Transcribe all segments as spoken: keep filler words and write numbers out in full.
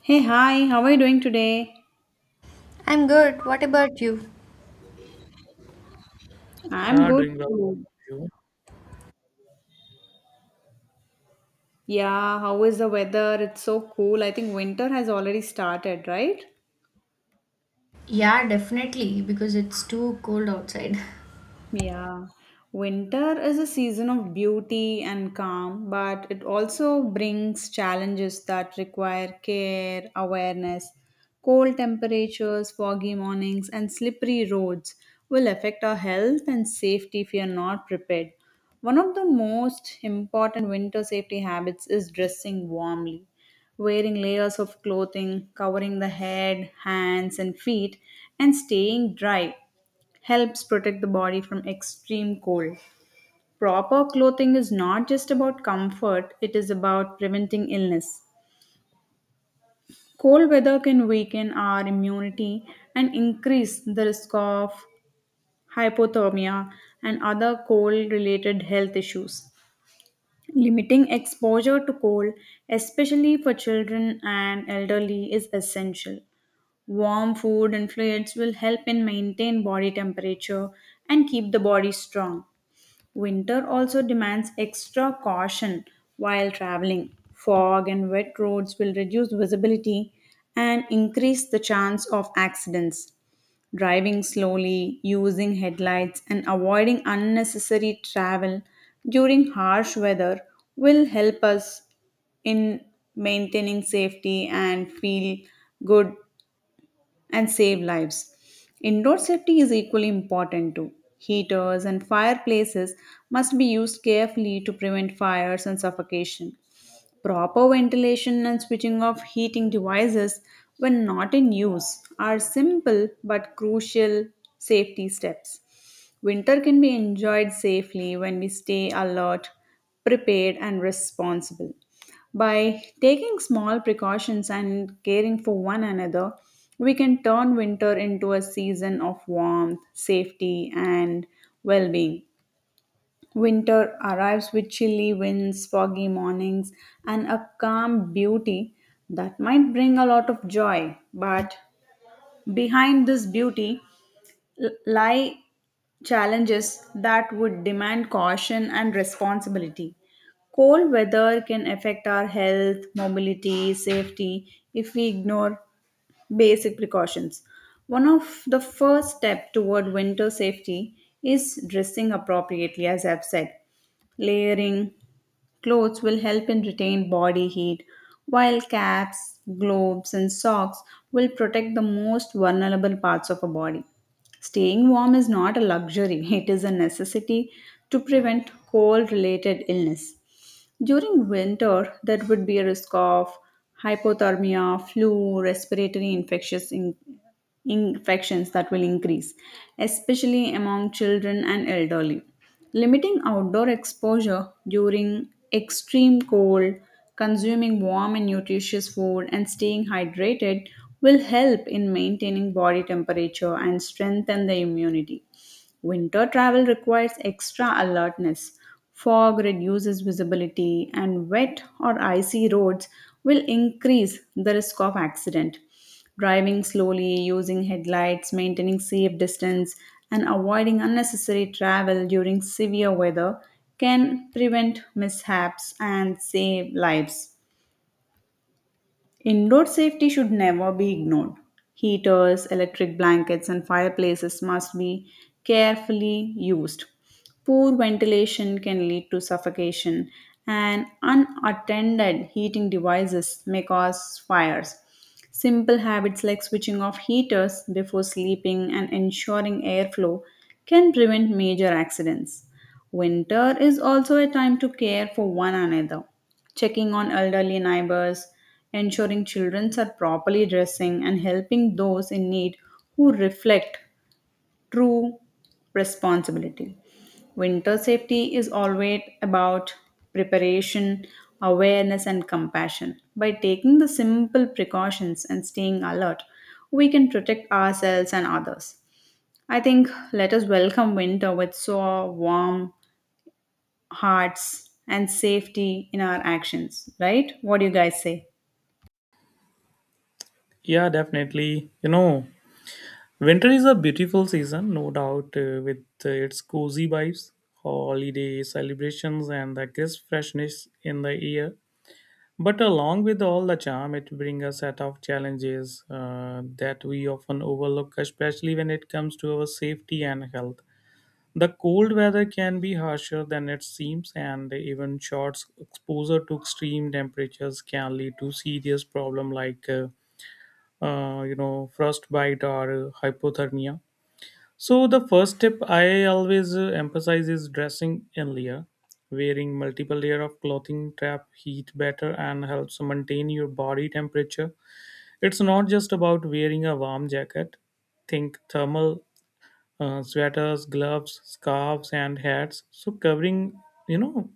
Hey, hi, how are you doing today? I'm good. What about you? I'm Yeah, good doing well. What too. about you? Yeah, how is the weather? It's so cool. I think winter has already started, right? Yeah, definitely, because it's too cold outside. Yeah, winter is a season of beauty and calm, but it also brings challenges that require care, awareness. Cold temperatures, foggy mornings, and slippery roads will affect our health and safety if we are not prepared. One of the most important winter safety habits is dressing warmly wearing layers of clothing, covering the head, hands, and feet, and staying dry helps protect the body from extreme cold. Proper clothing is not just about comfort, it is about preventing illness. Cold weather can weaken our immunity and increase the risk of hypothermia and other cold related health issues. Limiting exposure to cold, especially for children and elderly, is essential. Warm food and fluids will help in maintain body temperature and keep the body strong. Winter also demands extra caution while traveling. Fog and wet roads will reduce visibility and increase the chance of accidents. Driving slowly, using headlights, and avoiding unnecessary travel during harsh weather will help us in maintaining safety and feel good and save lives. Indoor safety is equally important too. Heaters and fireplaces must be used carefully to prevent fires and suffocation. Proper ventilation and switching off heating devices when not in use are simple but crucial safety steps. Winter can be enjoyed safely when we stay alert, prepared, and responsible. By taking small precautions and caring for one another, we can turn winter into a season of warmth, safety, and well being. Winter arrives with chilly winds, foggy mornings, and a calm beauty that might bring a lot of joy. But behind this beauty l- lie challenges that would demand caution and responsibility. Cold weather can affect our health, mobility, safety if we ignore basic precautions. One of the first step toward winter safety is dressing appropriately, as I've said. Layering clothes will help in retain body heat, while caps, gloves, and socks will protect the most vulnerable parts of a body. Staying warm is not a luxury, it is a necessity to prevent cold related illness. During winter, there would be a risk of hypothermia, flu, respiratory infectious in- infections that will increase, especially among children and elderly. Limiting outdoor exposure during extreme cold, consuming warm and nutritious food, and staying hydrated will help in maintaining body temperature and strengthen the immunity. Winter travel requires extra alertness. Fog reduces visibility, and wet or icy roads will increase the risk of accident. Driving slowly, using headlights, maintaining safe distance, and avoiding unnecessary travel during severe weather can prevent mishaps and save lives. Indoor safety should never be ignored. Heaters, electric blankets, and fireplaces must be carefully used. Poor ventilation can lead to suffocation, and unattended heating devices may cause fires. Simple habits like switching off heaters before sleeping and ensuring airflow can prevent major accidents. Winter is also a time to care for one another, checking on elderly neighbors, ensuring children are properly dressing, and helping those in need who reflect true responsibility. Winter safety is always about preparation, awareness, and compassion. By taking the simple precautions and staying alert, we can protect ourselves and others. I think let us welcome winter with so warm hearts, and safety in our actions, right? What do you guys say? Yeah, definitely. You know, winter is a beautiful season, no doubt, uh, with uh, its cozy vibes, holiday celebrations, and the crisp freshness in the air. But along with all the charm, it brings a set of challenges uh, that we often overlook, especially when it comes to our safety and health. The cold weather can be harsher than it seems, and even short exposure to extreme temperatures can lead to serious problems like uh, uh, you know, frostbite or uh, hypothermia. So the first step I always uh, emphasize is dressing in layer, wearing multiple layer of clothing trap heat better and helps maintain your body temperature. It's not just about wearing a warm jacket. Think thermal, uh, sweaters, gloves, scarves, and hats. So covering, you know,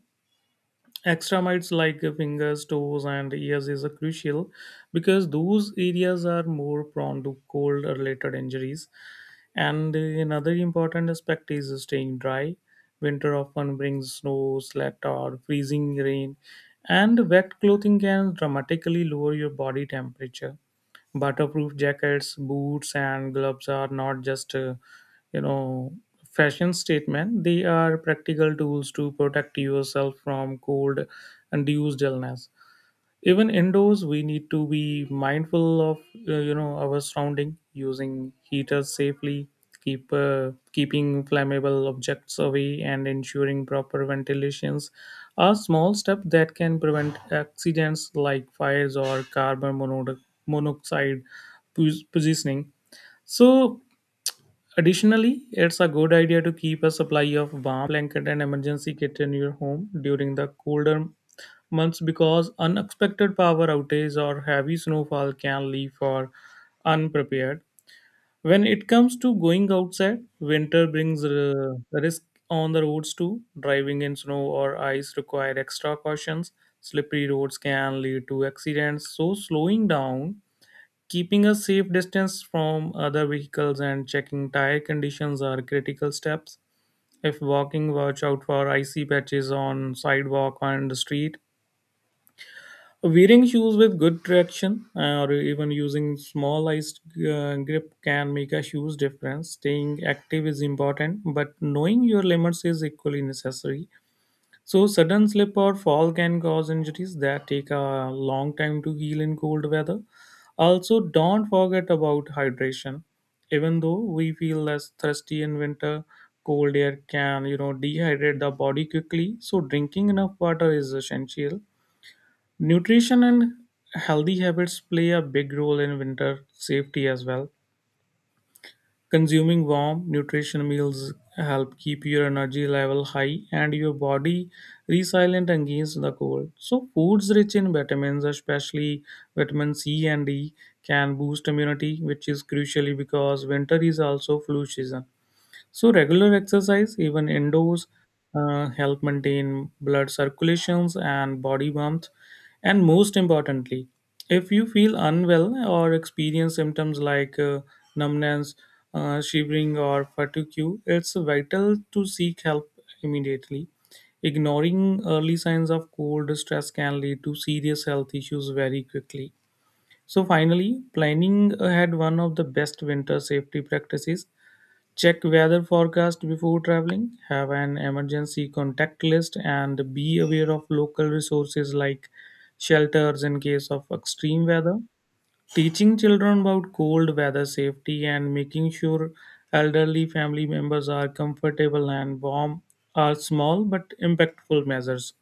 extremites like fingers, toes, and ears is a crucial, because those areas are more prone to cold related injuries. And uh, another important aspect is staying dry. Winter often brings snow, sleet, or freezing rain, and wet clothing can dramatically lower your body temperature. Butterproof jackets, boots, and gloves are not just, uh, you know, fashion statement. They are practical tools to protect yourself from cold-induced illness. Even indoors we need to be mindful of uh, you know, our surrounding, using heaters safely, keep uh, keeping flammable objects away, and ensuring proper ventilations are small steps that can prevent accidents like fires or carbon mono- monoxide pos- poisoning. So additionally, it's a good idea to keep a supply of warm blanket and emergency kit in your home during the colder months, because unexpected power outages or heavy snowfall can leave for unprepared. When it comes to going outside, winter brings uh, risk on the roads too. Driving in snow or ice require extra cautions. Slippery roads can lead to accidents, so slowing down, keeping a safe distance from other vehicles, and checking tire conditions are critical steps. If walking, watch out for icy patches on sidewalk and the street. Wearing shoes with good traction uh, or even using small iced uh, grip can make a huge difference. Staying active is important, but knowing your limits is equally necessary. So, sudden slip or fall can cause injuries that take a long time to heal in cold weather. Also, don't forget about hydration. Even though we feel less thirsty in winter, cold air can, you know, dehydrate the body quickly. So, drinking enough water is essential. Nutrition and healthy habits play a big role in winter safety as well. Consuming warm, nutrition meals help keep your energy level high and your body resilient against the cold. So, foods rich in vitamins, especially vitamin C and D, can boost immunity, which is crucially because winter is also flu season. So regular exercise, even indoors, uh, help maintain blood circulations and body warmth. And most importantly, if you feel unwell or experience symptoms like uh, numbness, uh, shivering, or fatigue, it's vital to seek help immediately. Ignoring early signs of cold stress can lead to serious health issues very quickly. So, finally, planning ahead one of the best winter safety practices. Check weather forecast before traveling, have an emergency contact list, and be aware of local resources like shelters in case of extreme weather. Teaching children about cold weather safety and making sure elderly family members are comfortable and warm are small but impactful measures.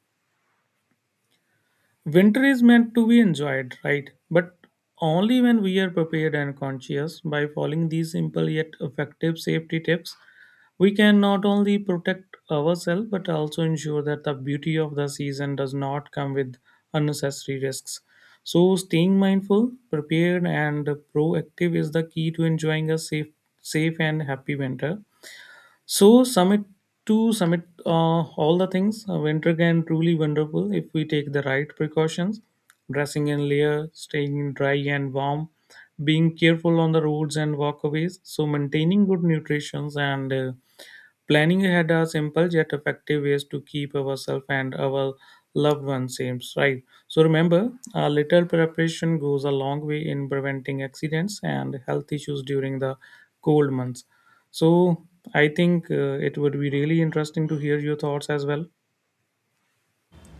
Winter is meant to be enjoyed, right? But only when we are prepared and conscious. By following these simple yet effective safety tips, we can not only protect ourselves but also ensure that the beauty of the season does not come with unnecessary risks. So, staying mindful, prepared, and proactive is the key to enjoying a safe, safe and happy winter. So summit to summit, uh, all the things, uh, winter can truly wonderful if we take the right precautions, dressing in layer, staying dry and warm, being careful on the roads and walkaways. So maintaining good nutrition and, uh, planning ahead are simple yet effective ways to keep ourselves and our loved ones safe, right? So remember, a little preparation goes a long way in preventing accidents and health issues during the cold months. So I think uh, it would be really interesting to hear your thoughts as well.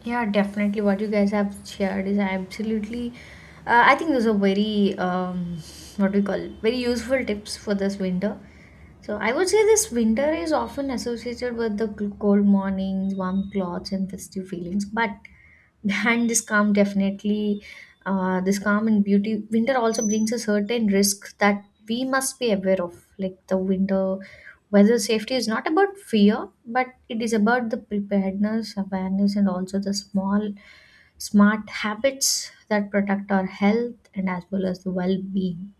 Yeah, definitely. What you guys have shared is absolutely. Uh, I think those are very, um, what we call, very useful tips for this winter. So I would say this winter is often associated with the cl- cold mornings, warm clothes, and festive feelings. But behind this calm, definitely, uh, this calm and beauty, winter also brings a certain risk that we must be aware of, like the winter weather safety is not about fear, but it is about the preparedness, awareness, and also the small, smart habits that protect our health and as well as the well being.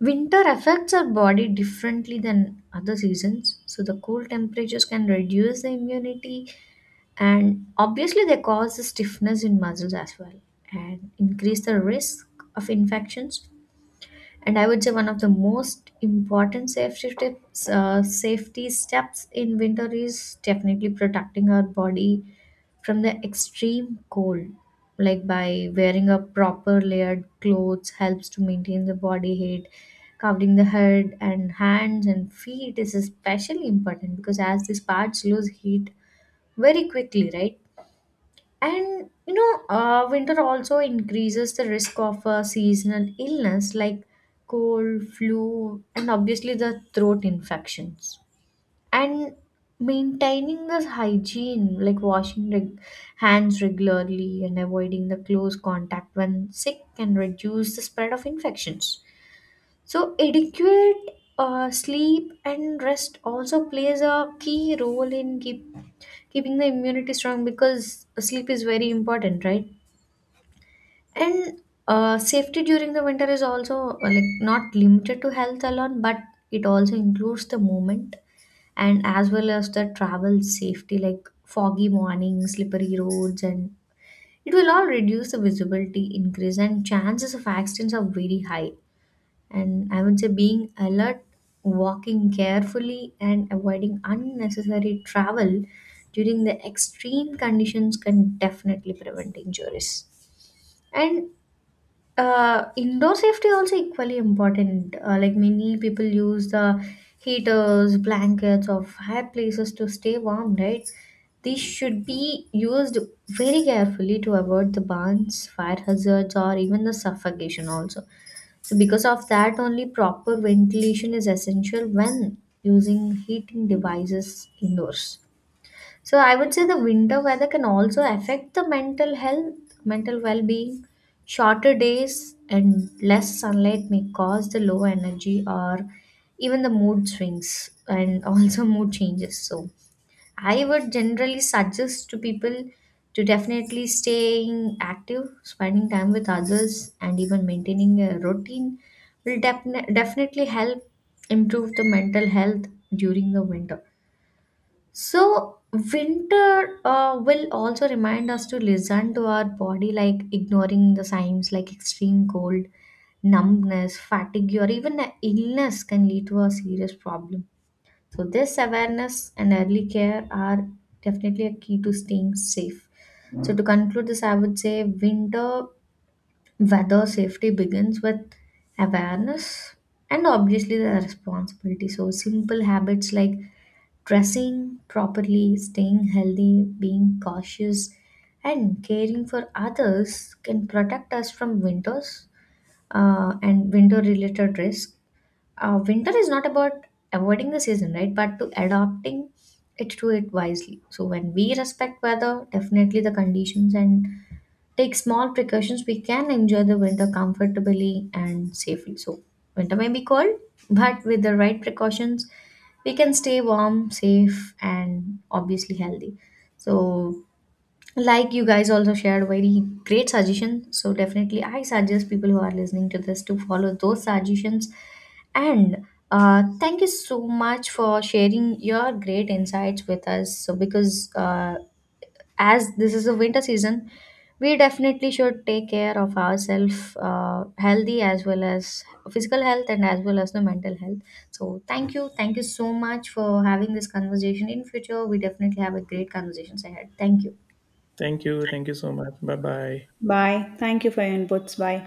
Winter affects our body differently than other seasons, so the cool temperatures can reduce the immunity and obviously they cause the stiffness in muscles as well and increase the risk of infections. And I would say one of the most important safety tips, uh, safety steps in winter is definitely protecting our body from the extreme cold, like by wearing a proper layered clothes helps to maintain the body heat. Covering the head and hands and feet is especially important because as these parts lose heat very quickly, right? And you know, uh, winter also increases the risk of uh, seasonal illness like cold, flu, and obviously the throat infections. And maintaining this hygiene, like washing reg- hands regularly and avoiding the close contact when sick, can reduce the spread of infections. So, adequate uh, sleep and rest also plays a key role in keep, keeping the immunity strong, because sleep is very important, right? And uh, safety during the winter is also, uh, like not limited to health alone, but it also includes the movement and as well as the travel safety, like foggy mornings, slippery roads, and it will all reduce the visibility, increase and chances of accidents are very high. And I would say being alert, walking carefully, and avoiding unnecessary travel during the extreme conditions can definitely prevent injuries. And uh, indoor safety also equally important. Uh, like many people use the heaters, blankets, or fireplaces to stay warm, right? These should be used very carefully to avoid the burns, fire hazards, or even the suffocation also. So because of that, only proper ventilation is essential when using heating devices indoors. So I would say the winter weather can also affect the mental health, mental well-being. Shorter days and less sunlight may cause the low energy or even the mood swings and also mood changes. So I would generally suggest to people to definitely staying active, spending time with others, and even maintaining a routine will defini- definitely help improve the mental health during the winter. So, winter uh, will also remind us to listen to our body, like ignoring the signs like extreme cold, numbness, fatigue, or even a illness can lead to a serious problem. So, this awareness and early care are definitely a key to staying safe. So, to conclude this, I would say winter weather safety begins with awareness and obviously the responsibility. So, simple habits like dressing properly, staying healthy, being cautious, and caring for others can protect us from winters uh, and winter related risk. Uh, winter is not about avoiding the season, right, but to adapting it to it wisely. So when we respect weather, definitely the conditions, and take small precautions, we can enjoy the winter comfortably and safely. So winter may be cold, but with the right precautions we can stay warm, safe, and obviously healthy. So, like you guys also shared very great suggestion, so definitely I suggest people who are listening to this to follow those suggestions. And uh, thank you so much for sharing your great insights with us. So because uh, as this is a winter season, we definitely should take care of ourselves, uh, healthy as well as physical health and as well as the mental health. So thank you, thank you so much for having this conversation. In future we definitely have a great conversations ahead. Thank you. Thank you. Thank you so much. Bye bye. Bye. Thank you for your inputs. Bye.